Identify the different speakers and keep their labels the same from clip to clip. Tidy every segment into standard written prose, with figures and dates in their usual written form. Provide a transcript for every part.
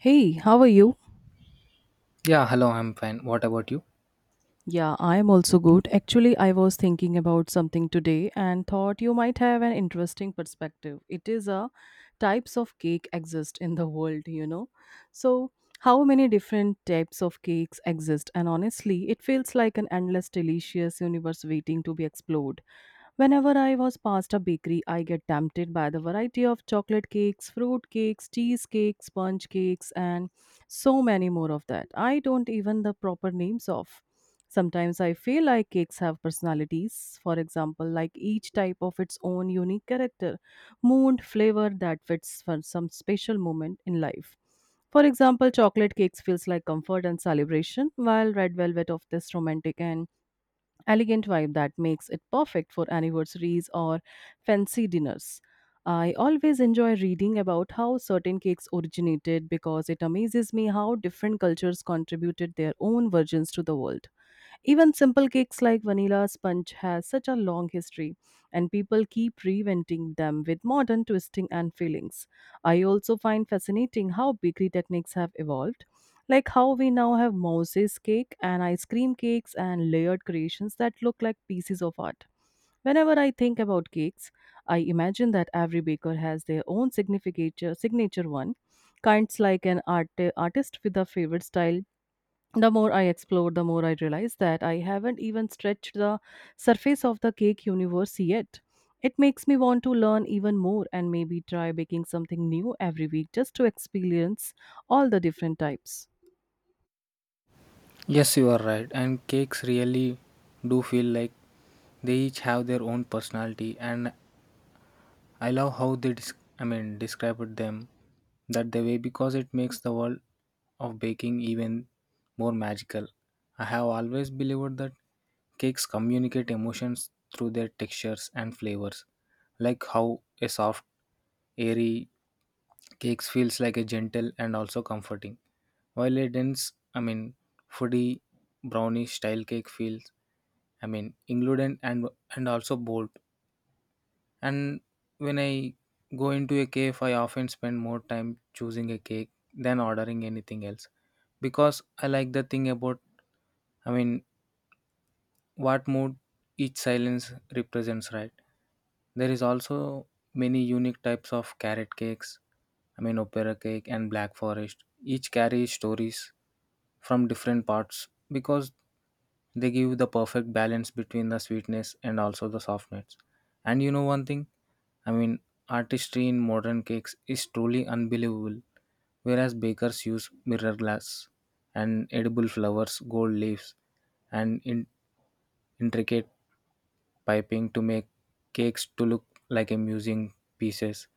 Speaker 1: Hey, how are you?
Speaker 2: Yeah, hello, I'm fine. What about you?
Speaker 1: Yeah, I am also good. Actually, I was thinking about something today and thought you might have an interesting perspective. It is a types of cake exist in the world, So, how many different types of cakes exist and honestly, it feels like an endless delicious universe waiting to be explored. Whenever I was past a bakery, I get tempted by the variety of chocolate cakes, fruit cakes, cheese cakes, sponge cakes and so many more of that I don't even the proper names of sometimes I feel like cakes have personalities, for example like each type of its own unique character, mood, flavor that fits for some special moment in life. For example, chocolate cakes feels like comfort and celebration, while red velvet of this romantic and elegant vibe that makes it perfect for anniversaries or fancy dinners. I always enjoy reading about how certain cakes originated because it amazes me how different cultures contributed their own versions to the world. Even simple cakes like vanilla sponge has such a long history, and people keep reinventing them with modern twisting and fillings. I also find fascinating how bakery techniques have evolved, like how we now have Moses cake and ice cream cakes and layered creations that look like pieces of art. Whenever I think about cakes, I imagine that every baker has their own signature one, kinds like an artist with a favorite style. The more I explore, the more I realize that I haven't even stretched the surface of the cake universe yet. It makes me want to learn even more and maybe try baking something new every week just to experience all the different types.
Speaker 2: Yes, you are right. And cakes really do feel like they each have their own personality, and I love how described them that the way because it makes the world of baking even more magical. I have always believed that cakes communicate emotions through their textures and flavors, like how a soft, airy cakes feels like a gentle and also comforting, while a dense, foodie brownie style cake feels included and also bold, and when I go into a cave I often spend more time choosing a cake than ordering anything else because I like the thing about, i mean what mood each silence represents, right? There is also many unique types of carrot cakes, opera cake and black forest, each carries stories from different parts because they give the perfect balance between the sweetness and also the softness. And you know one thing, i mean artistry in modern cakes is truly unbelievable, whereas bakers use mirror glass and edible flowers, gold leaves, and in intricate piping to make cakes to look like amusing pieces.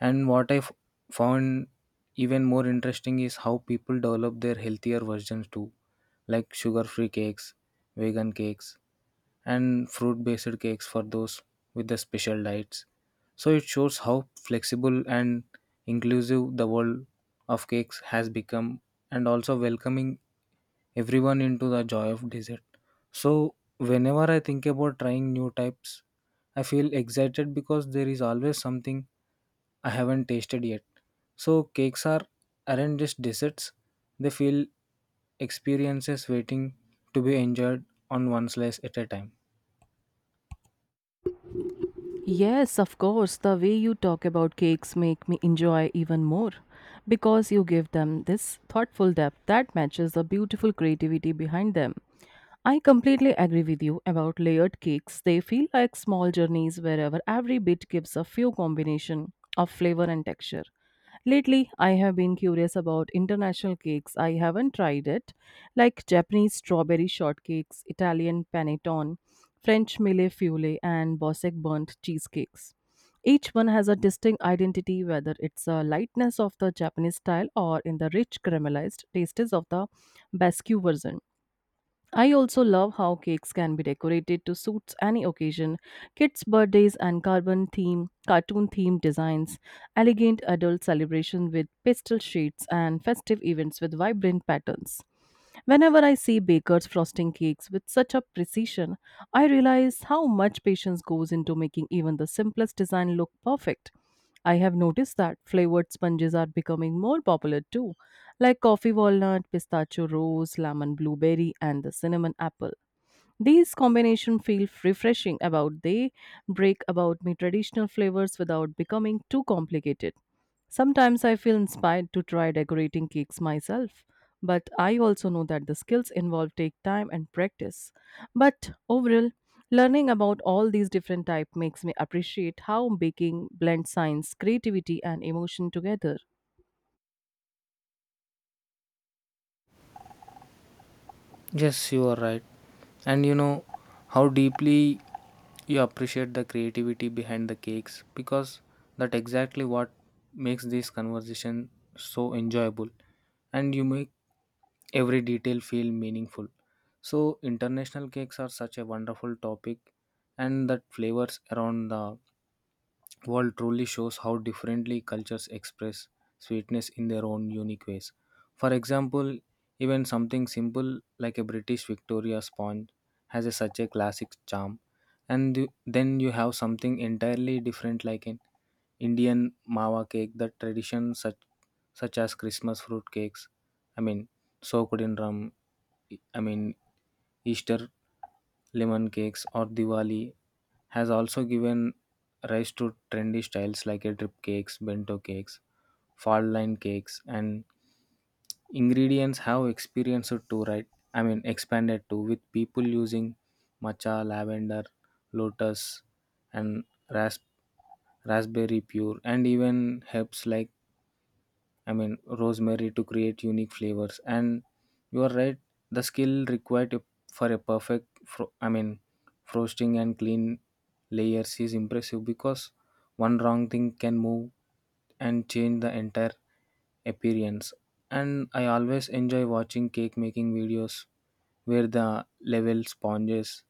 Speaker 2: And found even more interesting is how people develop their healthier versions too, like sugar free cakes, vegan cakes, and fruit based cakes for those with the special diets. So it shows how flexible and inclusive the world of cakes has become, and also welcoming everyone into the joy of dessert. So, Whenever I think about trying new types, I feel excited because there is always something I haven't tasted yet. So cakes are aren't just desserts; they feel experiences waiting to be enjoyed on one slice at a time.
Speaker 1: Yes, of course, the way you talk about cakes make me enjoy even more because you give them this thoughtful depth that matches the beautiful creativity behind them. I completely agree with you about layered cakes. They feel like small journeys wherever every bit gives a few combination of flavor and texture. Lately, I have been curious about international cakes I haven't tried, it, like Japanese strawberry shortcakes, Italian panettone, French mille feuille, and Bosek burnt cheesecakes. Each one has a distinct identity, whether it's a lightness of the Japanese style or in the rich caramelized tastes of the Basque version. I also love how cakes can be decorated to suit any occasion, kids' birthdays and carbon theme, cartoon themed designs, elegant adult celebration with pastel shades and festive events with vibrant patterns. Whenever I see bakers frosting cakes with such a precision, I realize how much patience goes into making even the simplest design look perfect. I have noticed that flavored sponges are becoming more popular too, like coffee walnut, pistachio rose, lemon blueberry, and the cinnamon apple. These combination feel refreshing about they break about me traditional flavors without becoming too complicated. Sometimes I feel inspired to try decorating cakes myself, but I also know that the skills involved take time and practice. But overall, learning about all these different types makes me appreciate how baking blends science, creativity, and emotion together.
Speaker 2: Yes, you are right. And you know how deeply you appreciate the creativity behind the cakes, because that exactly what makes this conversation so enjoyable. And you make every detail feel meaningful. So international cakes are such a wonderful topic, and that flavors around the world truly shows how differently cultures express sweetness in their own unique ways. For example, even something simple like a British Victoria sponge has a, such a classic charm, and then you have something entirely different like an Indian mawa cake that tradition such such as Christmas fruit cakes, I mean, soaked in rum. I mean, Easter lemon cakes or Diwali has also given rise to trendy styles like a drip cakes, bento cakes, fall line cakes, and ingredients have experienced too, right? Expanded too with people using matcha, lavender, lotus, and rasp- raspberry pure, and even herbs like, rosemary to create unique flavors. And you are right, the skill for a perfect, frosting and clean layers is impressive because one wrong thing can move and change the entire appearance. And I always enjoy watching cake making videos where the level sponges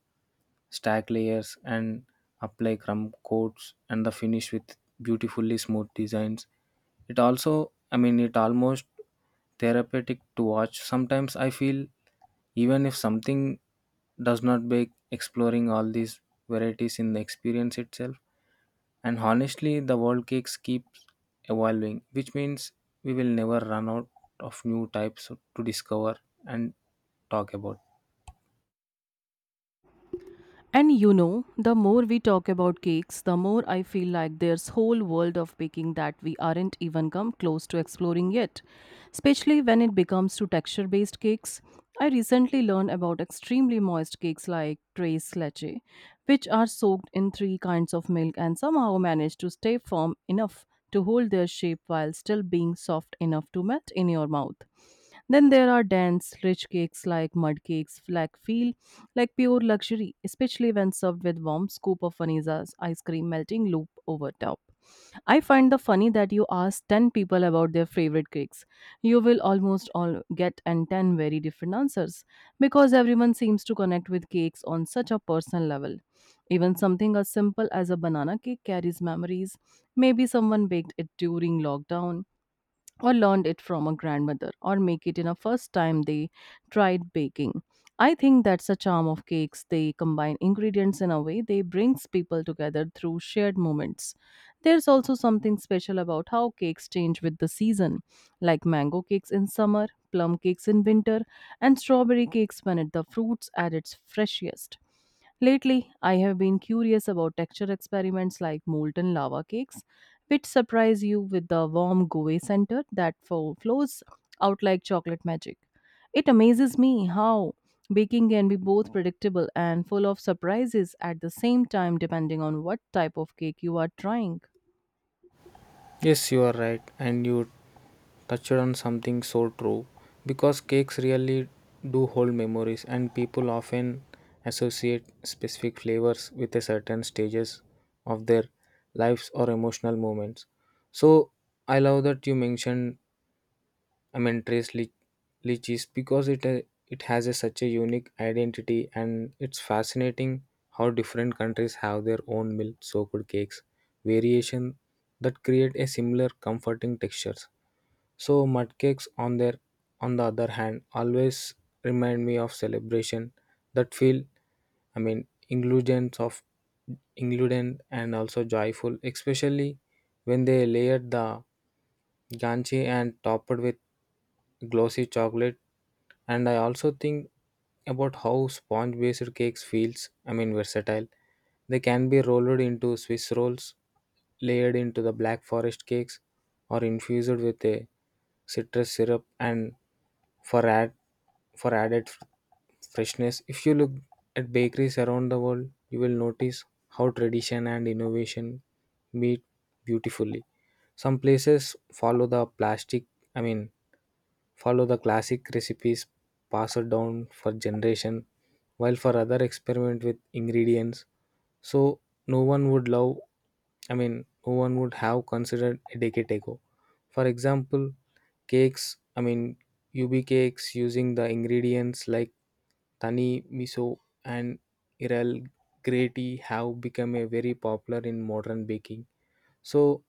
Speaker 2: stack layers and apply crumb coats and the finish with beautifully smooth designs. It also, it almost therapeutic to watch. Sometimes I feel even if something does not bake, exploring all these varieties in the experience itself. And honestly, the world cakes keeps evolving, which means we will never run out of new types to discover and talk about.
Speaker 1: And you know, the more we talk about cakes, the more I feel like there's whole world of baking that we aren't even come close to exploring yet. Especially when it becomes to texture-based cakes. I recently learned about extremely moist cakes like tres leche, which are soaked in three kinds of milk and somehow manage to stay firm enough to hold their shape while still being soft enough to melt in your mouth. Then there are dense, rich cakes like mud cakes, like feel like pure luxury, especially when served with warm scoop of Vanilla's ice cream melting loop over top. I find the funny that you ask 10 people about their favorite cakes. You will almost all get and 10 very different answers because everyone seems to connect with cakes on such a personal level. Even something as simple as a banana cake carries memories. Maybe someone baked it during lockdown, or learned it from a grandmother or make it in a first time they tried baking. I think that's the charm of cakes. They combine ingredients in a way they brings people together through shared moments. There's also something special about how cakes change with the season, like mango cakes in summer, plum cakes in winter, and strawberry cakes when it, the fruits at its freshest. Lately, I have been curious about texture experiments like molten lava cakes, which surprise you with the warm gooey center that flows out like chocolate magic. It amazes me how baking can be both predictable and full of surprises at the same time, depending on what type of cake you are trying.
Speaker 2: Yes, you are right. And you touched on something so true because cakes really do hold memories, and people often associate specific flavors with a certain stages of their lives or emotional moments. So I love that you mentioned, I mean, Trace Lich- Lichis because it has a, such a unique identity, and it's fascinating how different countries have their own milk-soaked cakes variation that create a similar comforting textures. So mud cakes on their on the other hand always remind me of celebration that feel, I mean ingredients of ingredient and also joyful, especially when they layered the ganchi and topped with glossy chocolate. And I also think about how sponge based cakes feels, versatile. They can be rolled into Swiss rolls, layered into the black forest cakes, or infused with a citrus syrup and for add for added f- freshness. If you look at bakeries around the world, you will notice how tradition and innovation meet beautifully. Some places follow the I mean, follow the classic recipes passed down for generation, while for other experiment with ingredients. So no one would no one would have considered a decade ago. For example, cakes, I mean, UB cakes using the ingredients like Tani miso and Irel grati have become a very popular in modern baking. So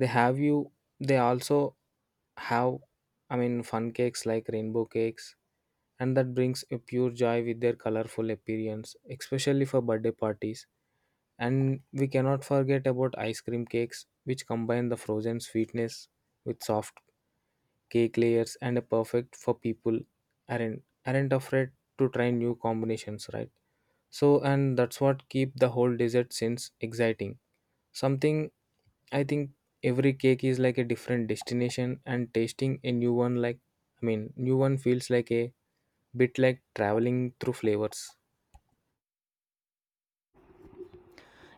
Speaker 2: they have you they also have, fun cakes like rainbow cakes, and that brings a pure joy with their colorful appearance, especially for birthday parties. And we cannot forget about ice cream cakes which combine the frozen sweetness with soft cake layers and are perfect for people aren't afraid to try new combinations, right? So and that's what keep the whole dessert since exciting. Something I think every cake is like a different destination, and tasting a new one like, new one feels like a bit like traveling through flavors.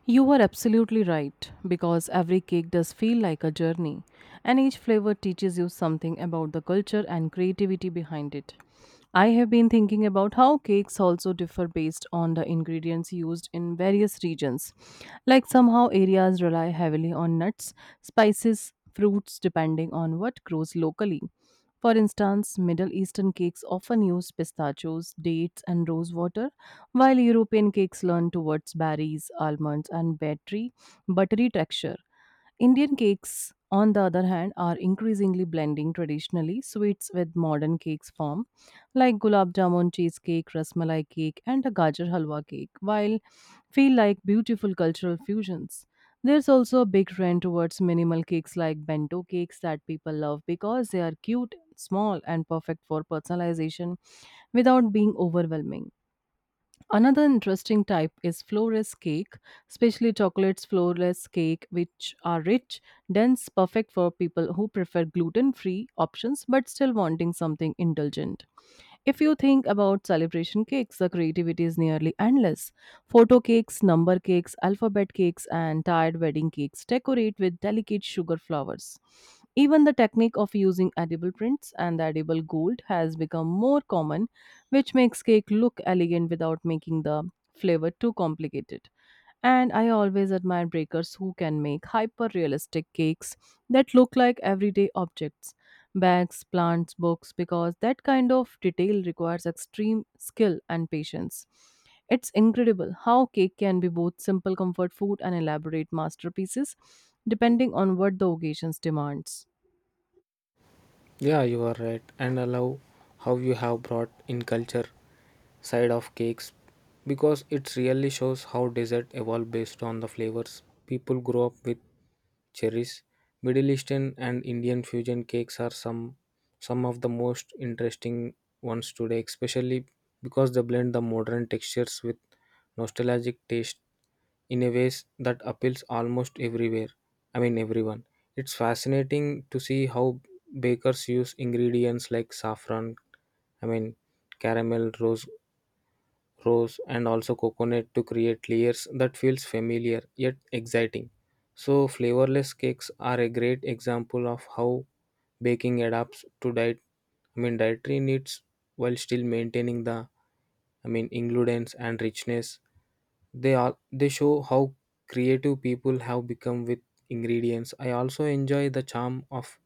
Speaker 1: You are absolutely right, because every cake does feel like a journey, and each flavor teaches you something about the culture and creativity behind it. I have been thinking about how cakes also differ based on the ingredients used in various regions. Like somehow areas rely heavily on nuts, spices, fruits depending on what grows locally. For instance, Middle Eastern cakes often use pistachios, dates, and rosewater, while European cakes lean towards berries, almonds, and buttery texture. Indian cakes, on the other hand, are increasingly blending traditionally sweets with modern cakes form, like gulab jamun cheesecake, rasmalai cake, and a gajar halwa cake, while feel like beautiful cultural fusions. There's also a big trend towards minimal cakes like bento cakes that people love because they are cute, small, and perfect for personalization without being overwhelming. Another interesting type is florless cake, especially chocolates florless cake, which are rich, dense, perfect for people who prefer gluten free options but still wanting something indulgent. If you think about celebration cakes, the creativity is nearly endless. Photo cakes, number cakes, alphabet cakes, and tired wedding cakes decorate with delicate sugar flowers. Even the technique of using edible prints and the edible gold has become more common, which makes cake look elegant without making the flavor too complicated. And I always admire bakers who can make hyper realistic cakes that look like everyday objects, bags, plants, books, because that kind of detail requires extreme skill and patience. It's incredible how cake can be both simple comfort food and elaborate masterpieces, depending on what the occasion demands.
Speaker 2: Yeah, you are right. And I love how you have brought in culture side of cakes because it really shows how dessert evolved based on the flavors people grow up with. Cherries, Middle Eastern and Indian fusion cakes are some of the most interesting ones today, especially because they blend the modern textures with nostalgic taste in a ways that appeals almost everywhere. I mean everyone. It's fascinating to see how bakers use ingredients like saffron, I mean caramel, rose and also coconut to create layers that feels familiar yet exciting. So flavorless cakes are a great example of how baking adapts to diet, dietary needs, while still maintaining the, ingredients and richness. They show how creative people have become with ingredients. I also enjoy the charm of,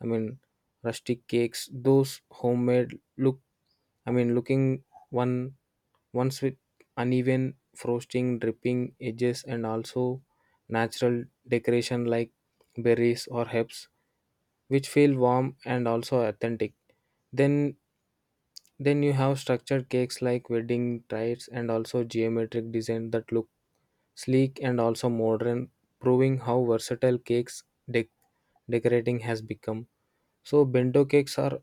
Speaker 2: i mean rustic cakes, those homemade looking one ones with uneven frosting, dripping edges, and also natural decoration like berries or herbs, which feel warm and also authentic. Then, then you have structured cakes like wedding tides and also geometric design that look sleek and also modern, proving how versatile cakes dec- decorating has become. So bento cakes are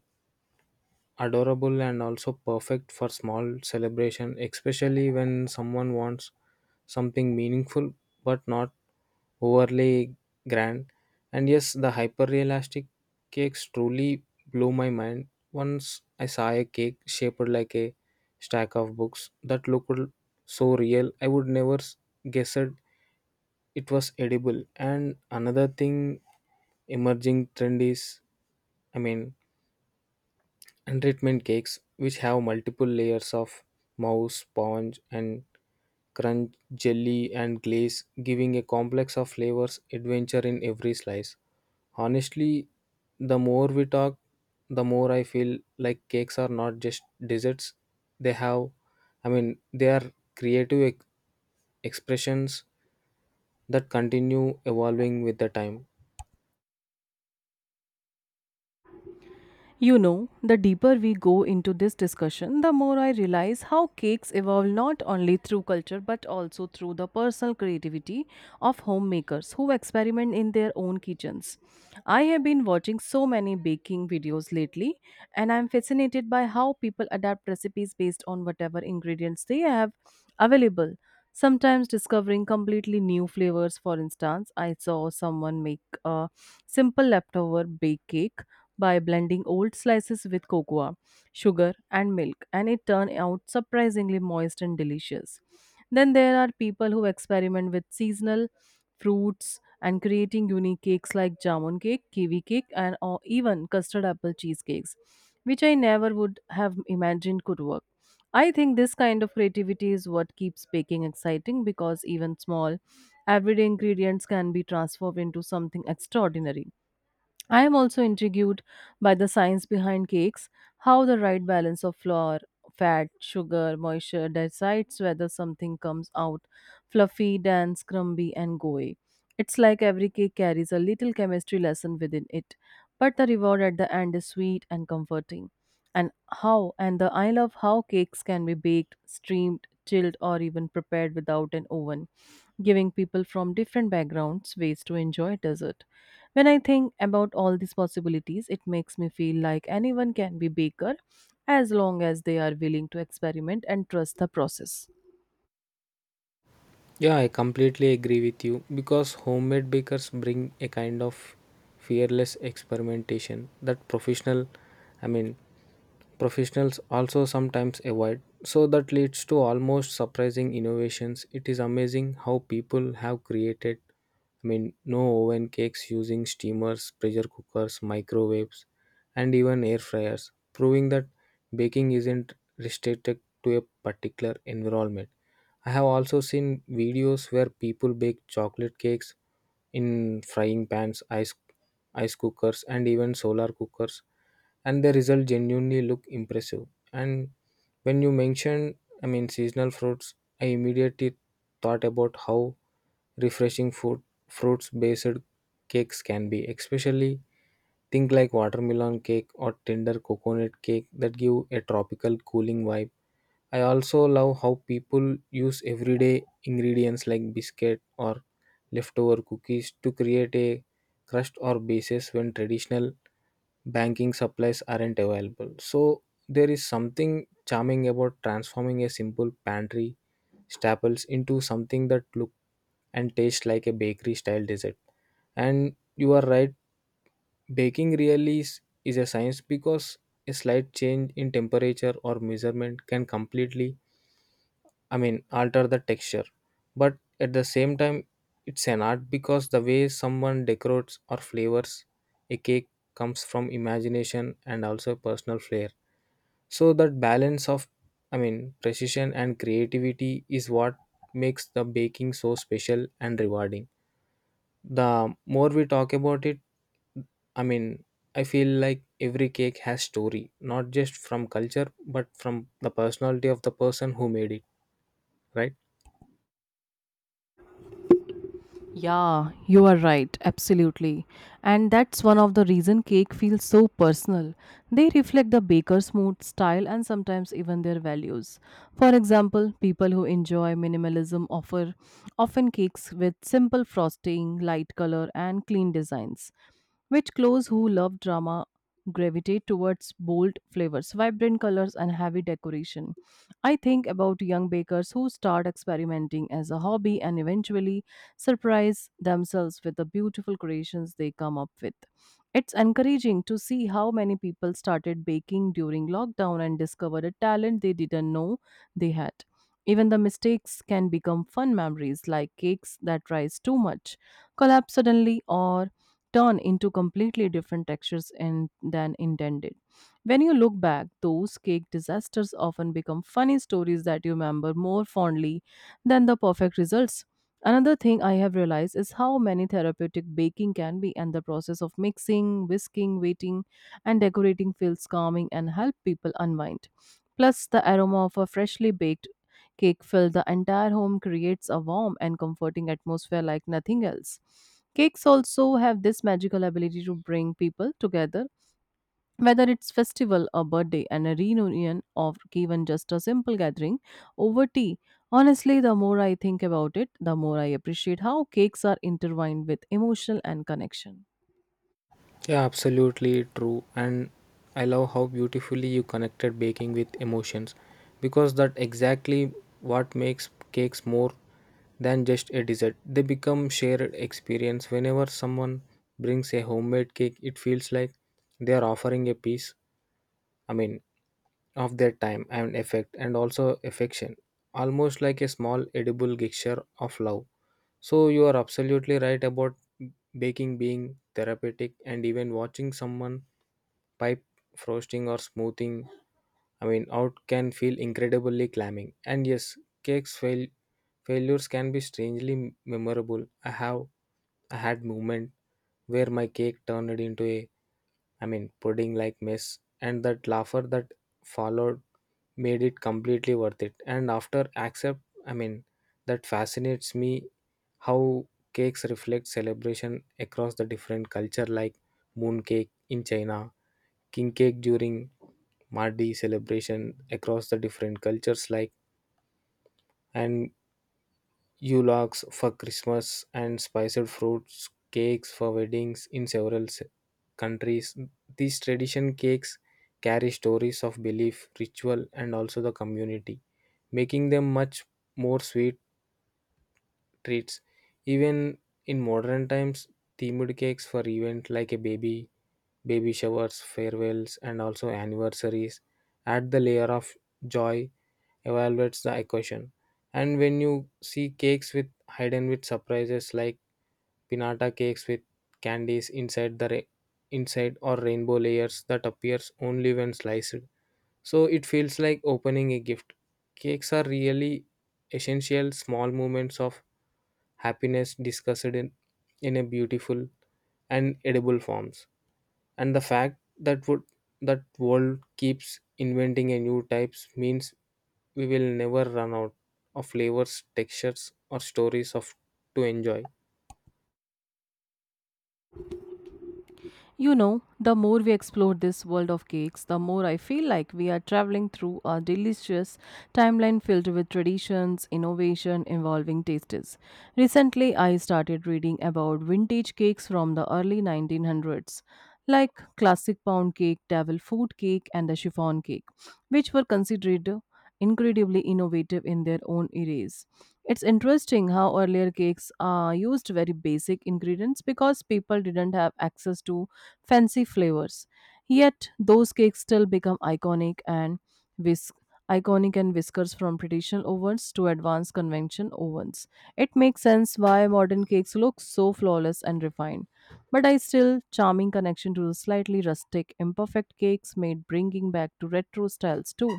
Speaker 2: adorable and also perfect for small celebration, especially when someone wants something meaningful but not overly grand. And yes, the hyper realistic cakes truly blew my mind. Once I saw a cake shaped like a stack of books that looked so real, I would never guessed it was edible. And another thing, emerging trend is, I mean, treatment cakes, which have multiple layers of mousse, sponge, and crunch, jelly, and glaze, giving a complex of flavors adventure in every slice. Honestly, the more we talk, the more I feel like cakes are not just desserts. They have, they are creative expressions that continue evolving with the time.
Speaker 1: You know, the deeper we go into this discussion, the more I realize how cakes evolve not only through culture but also through the personal creativity of homemakers who experiment in their own kitchens. I have been watching so many baking videos lately, and I'm fascinated by how people adapt recipes based on whatever ingredients they have available. Sometimes discovering completely new flavors. For instance, I saw someone make a simple leftover bake cake by blending old slices with cocoa, sugar, and milk, and it turned out surprisingly moist and delicious. Then there are people who experiment with seasonal fruits and creating unique cakes like jamun cake, kiwi cake, and or even custard apple cheesecakes, which I never would have imagined could work. I think this kind of creativity is what keeps baking exciting because even small, everyday ingredients can be transformed into something extraordinary. I am also intrigued by the science behind cakes, how the right balance of flour, fat, sugar, moisture decides whether something comes out fluffy, dense, crumbly, and gooey. It's like every cake carries a little chemistry lesson within it, but the reward at the end is sweet and comforting. And how and the I love how cakes can be baked, steamed, chilled, or even prepared without an oven, giving people from different backgrounds ways to enjoy dessert. When I think about all these possibilities, it makes me feel like anyone can be baker as long as they are willing to experiment and trust the process.
Speaker 2: Yeah, I completely agree with you because homemade bakers bring a kind of fearless experimentation that I mean, professionals also sometimes avoid. So that leads to almost surprising innovations. It is amazing how people have created, no oven cakes using steamers, pressure cookers, microwaves, and even air fryers, proving that baking isn't restricted to a particular environment. I have also seen videos where people bake chocolate cakes in frying pans, ice cookers, and even solar cookers, and the result genuinely look impressive. And when you mentioned, seasonal fruits, I immediately thought about how refreshing fruits based cakes can be, especially think like watermelon cake or tender coconut cake that give a tropical cooling vibe. I also love how people use everyday ingredients like biscuit or leftover cookies to create a crust or bases when traditional banking supplies aren't available. So there is something charming about transforming a simple pantry staples into something that look and taste like a bakery style dessert. And you are right, baking really is a science because a slight change in temperature or measurement can completely, alter the texture. But at the same time, it's an art because the way someone decorates or flavors a cake comes from imagination and also personal flair. So that balance of, precision and creativity is what makes the baking so special and rewarding. The more we talk about it, I mean I feel like every cake has story, not just from culture but from the personality of the person who made it, right?
Speaker 1: Yeah, you are right, absolutely. And that's one of the reason cake feels so personal. They reflect the baker's mood, style and sometimes even their values. For example, people who enjoy minimalism offer often cakes with simple frosting, light color and clean designs, which clothes who love drama gravitate towards bold flavors, vibrant colors and heavy decoration. I think about young bakers who start experimenting as a hobby and eventually surprise themselves with the beautiful creations they come up with. It's encouraging to see how many people started baking during lockdown and discovered a talent they didn't know they had. Even the mistakes can become fun memories, like cakes that rise too much, collapse suddenly, or turn into completely different textures in, than intended. When you look back, those cake disasters often become funny stories that you remember more fondly than the perfect results. Another thing I have realized is how many therapeutic baking can be, and the process of mixing, whisking, waiting, and decorating feels calming and help people unwind. Plus, the aroma of a freshly baked cake fills the entire home creates a warm and comforting atmosphere like nothing else. Cakes also have this magical ability to bring people together whether it's festival, a birthday, and a reunion, or even just a simple gathering over tea, honestly, the more I think about it, the more I appreciate how cakes are intertwined with emotional and connection.
Speaker 2: Yeah, absolutely true. And I love how beautifully you connected baking with emotions because that exactly what makes cakes more than just a dessert. They become shared experience. Whenever someone brings a homemade cake, it feels like they are offering a piece, I mean, of their time and effect and also affection, almost like a small edible gesture of love. So you are absolutely right about baking being therapeutic, and even watching someone pipe frosting or smoothing out can feel incredibly clamming. And yes, cakes fail, failures can be strangely memorable. i have I had moment where my cake turned into a pudding like mess, and that laughter that followed made it completely worth it. And after accept, i mean that fascinates me how cakes reflect celebration across the different culture, like moon cake in China, king cake during Mardi celebration across the different cultures, like, and Yulaks for Christmas, and spiced fruits cakes for weddings in several countries. These tradition cakes carry stories of belief, ritual, and also the community, making them much more sweet treats. Even in modern times, themed cakes for events like baby showers, farewells, and also anniversaries add the layer of joy evaluates the equation. And when you see cakes with hidden with surprises, like pinata cakes with candies inside the inside, or rainbow layers that appears only when sliced. So it feels like opening a gift. Cakes are really essential small moments of happiness discussed in a beautiful and edible forms. And the fact that would that world keeps inventing a new types means we will never run out of flavors, textures, or stories of to enjoy.
Speaker 1: You know, the more we explore this world of cakes, the more I feel like we are traveling through a delicious timeline filled with traditions, innovation, evolving tastes. Recently, I started reading about vintage cakes from the early 1900s, like classic pound cake, devil food cake, and the chiffon cake, which were considered incredibly innovative in their own eras. It's interesting how earlier cakes used very basic ingredients because people didn't have access to fancy flavors. Yet those cakes still become iconic and whisk whiskers from traditional ovens to advanced convention ovens. It makes sense why modern cakes look so flawless and refined. But I still charming connection to the slightly rustic, imperfect cakes made bringing back to retro styles too,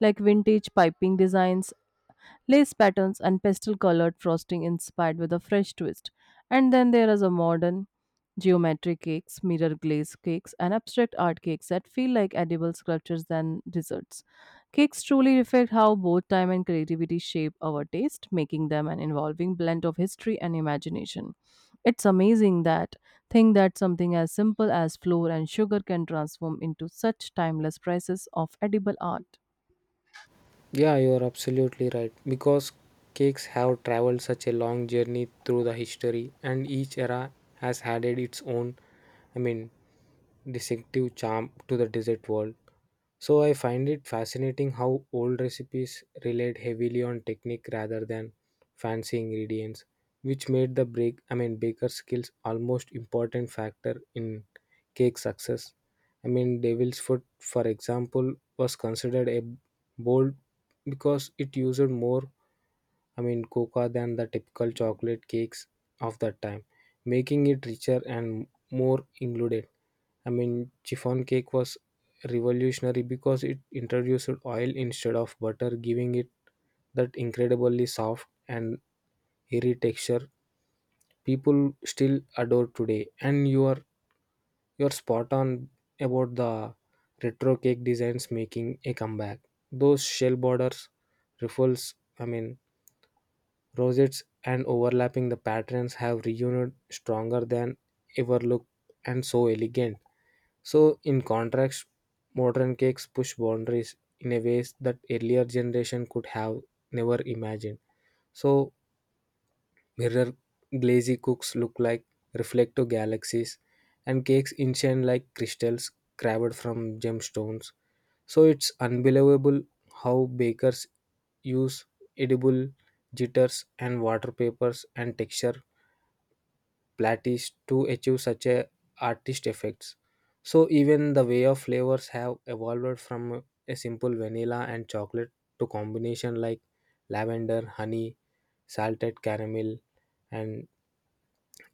Speaker 1: like vintage piping designs lace patterns, and pastel colored frosting inspired with a fresh twist. And then there is a modern geometric cakes, mirror glaze cakes, and abstract art cakes that feel like edible sculptures than desserts. Cakes truly reflect how both time and creativity shape our taste, making them an involving blend of history and imagination. It's amazing that think that something as simple as flour and sugar can transform into such timeless pieces of edible art.
Speaker 2: Yeah, you are absolutely right. Because cakes have traveled such a long journey through the history, and each era has added its own, I mean, distinctive charm to the dessert world. So I find it fascinating how old recipes relied heavily on technique rather than fancy ingredients, which made the break I mean baker skills almost important factor in cake success. I mean devil's foot, for example, was considered a bold because it used more cocoa than the typical chocolate cakes of that time, making it richer and more included. I mean, chiffon cake was revolutionary because it introduced oil instead of butter, giving it that incredibly soft and airy texture people still adore today. And you're spot on about the retro cake designs making a comeback. Those shell borders, ruffles, I mean rosettes, and overlapping the patterns have reunited stronger than ever looked and so elegant. So, in contrast, modern cakes push boundaries in a ways that earlier generation could have never imagined. So, mirror glazy cooks look like reflective galaxies, and cakes enchant like crystals carved from gemstones. So, it's unbelievable how bakers use edible jitters and water papers and texture Platies to achieve such a artist effects. So even the way of flavors have evolved from a simple vanilla and chocolate to combination like lavender, honey, salted caramel, and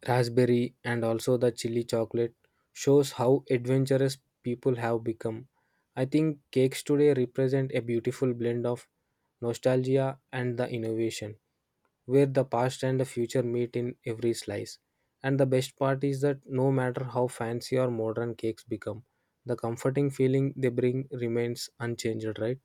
Speaker 2: raspberry, and also the chili chocolate shows how adventurous people have become. I think cakes today represent a beautiful blend of nostalgia and the innovation, where the past and the future meet in every slice. And the best part is that no matter how fancy or modern cakes become, the comforting feeling they bring remains unchanged, right?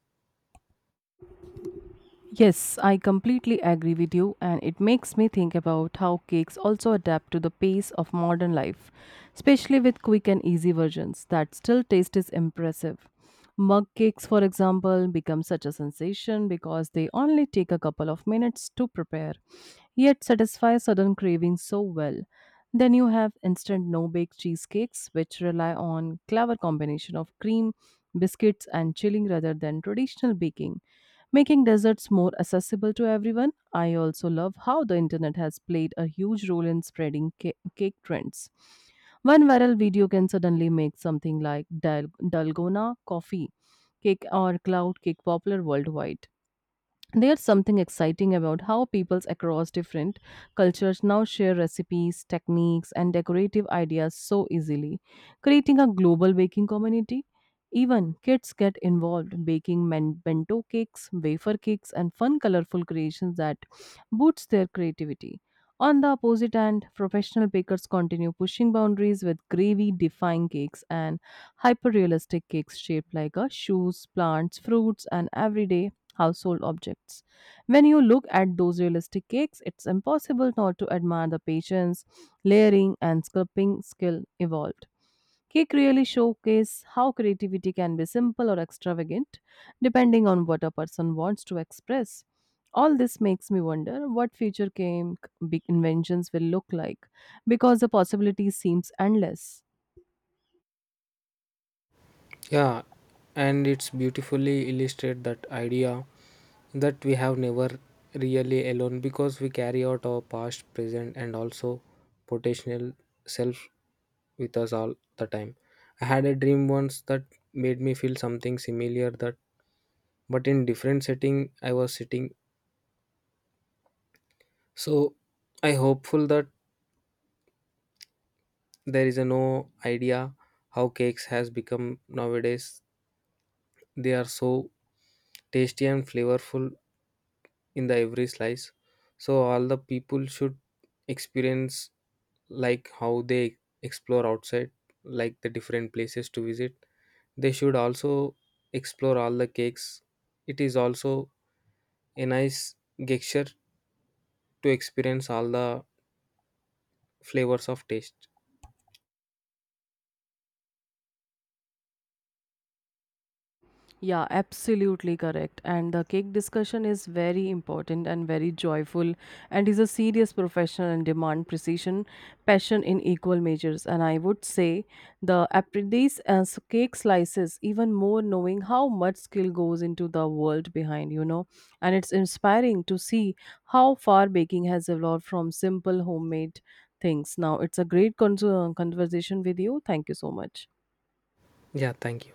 Speaker 1: Yes, I completely agree with you, and it makes me think about how cakes also adapt to the pace of modern life, especially with quick and easy versions that still taste is impressive. Mug cakes, for example, become such a sensation because they only take a couple of minutes to prepare, yet satisfy sudden cravings so well. Then you have instant no bake cheesecakes, which rely on clever combination of cream, biscuits, and chilling rather than traditional baking making deserts more accessible to everyone. I also love how the internet has played a huge role in spreading cake trends. One viral video can suddenly make something like dalgona coffee cake or cloud cake popular worldwide. There's something exciting about how peoples across different cultures now share recipes, techniques, and decorative ideas so easily, creating a global baking community. Even kids get involved baking bento cakes, wafer cakes, and fun, colorful creations that boosts their creativity. On the opposite hand, professional bakers continue pushing boundaries with gravy defying cakes and hyper realistic cakes shaped like a shoes, plants, fruits, and everyday household objects. When you look at those realistic cakes, it's impossible not to admire the patience, layering, and sculpting skill evolved. Cake really showcase how creativity can be simple or extravagant, depending on what a person wants to express. All this makes me wonder what future cake big inventions will look like, because the possibility seems endless.
Speaker 2: Yeah, and it's beautifully illustrate that idea that we have never really alone because we carry out our past, present, and also potential self with us all the time. I had a dream once that made me feel something similar that, but in different setting, I was sitting. So I hopeful that there is a no idea how cakes has become nowadays. They are so tasty and flavorful in the every slice. So all the people should experience like how they explore outside, like the different places to visit. They should also explore all the cakes. It is also a nice gesture to experience all the flavors of taste.
Speaker 1: Yeah, absolutely correct. And the cake discussion is very important and very joyful and is a serious profession and demand precision, passion in equal measures. And I would say the apprentice as cake slices even more knowing how much skill goes into the world behind, you know. And it's inspiring to see how far baking has evolved from simple homemade things. Now it's a great conversation with you. Thank you so much.
Speaker 2: Yeah, thank you.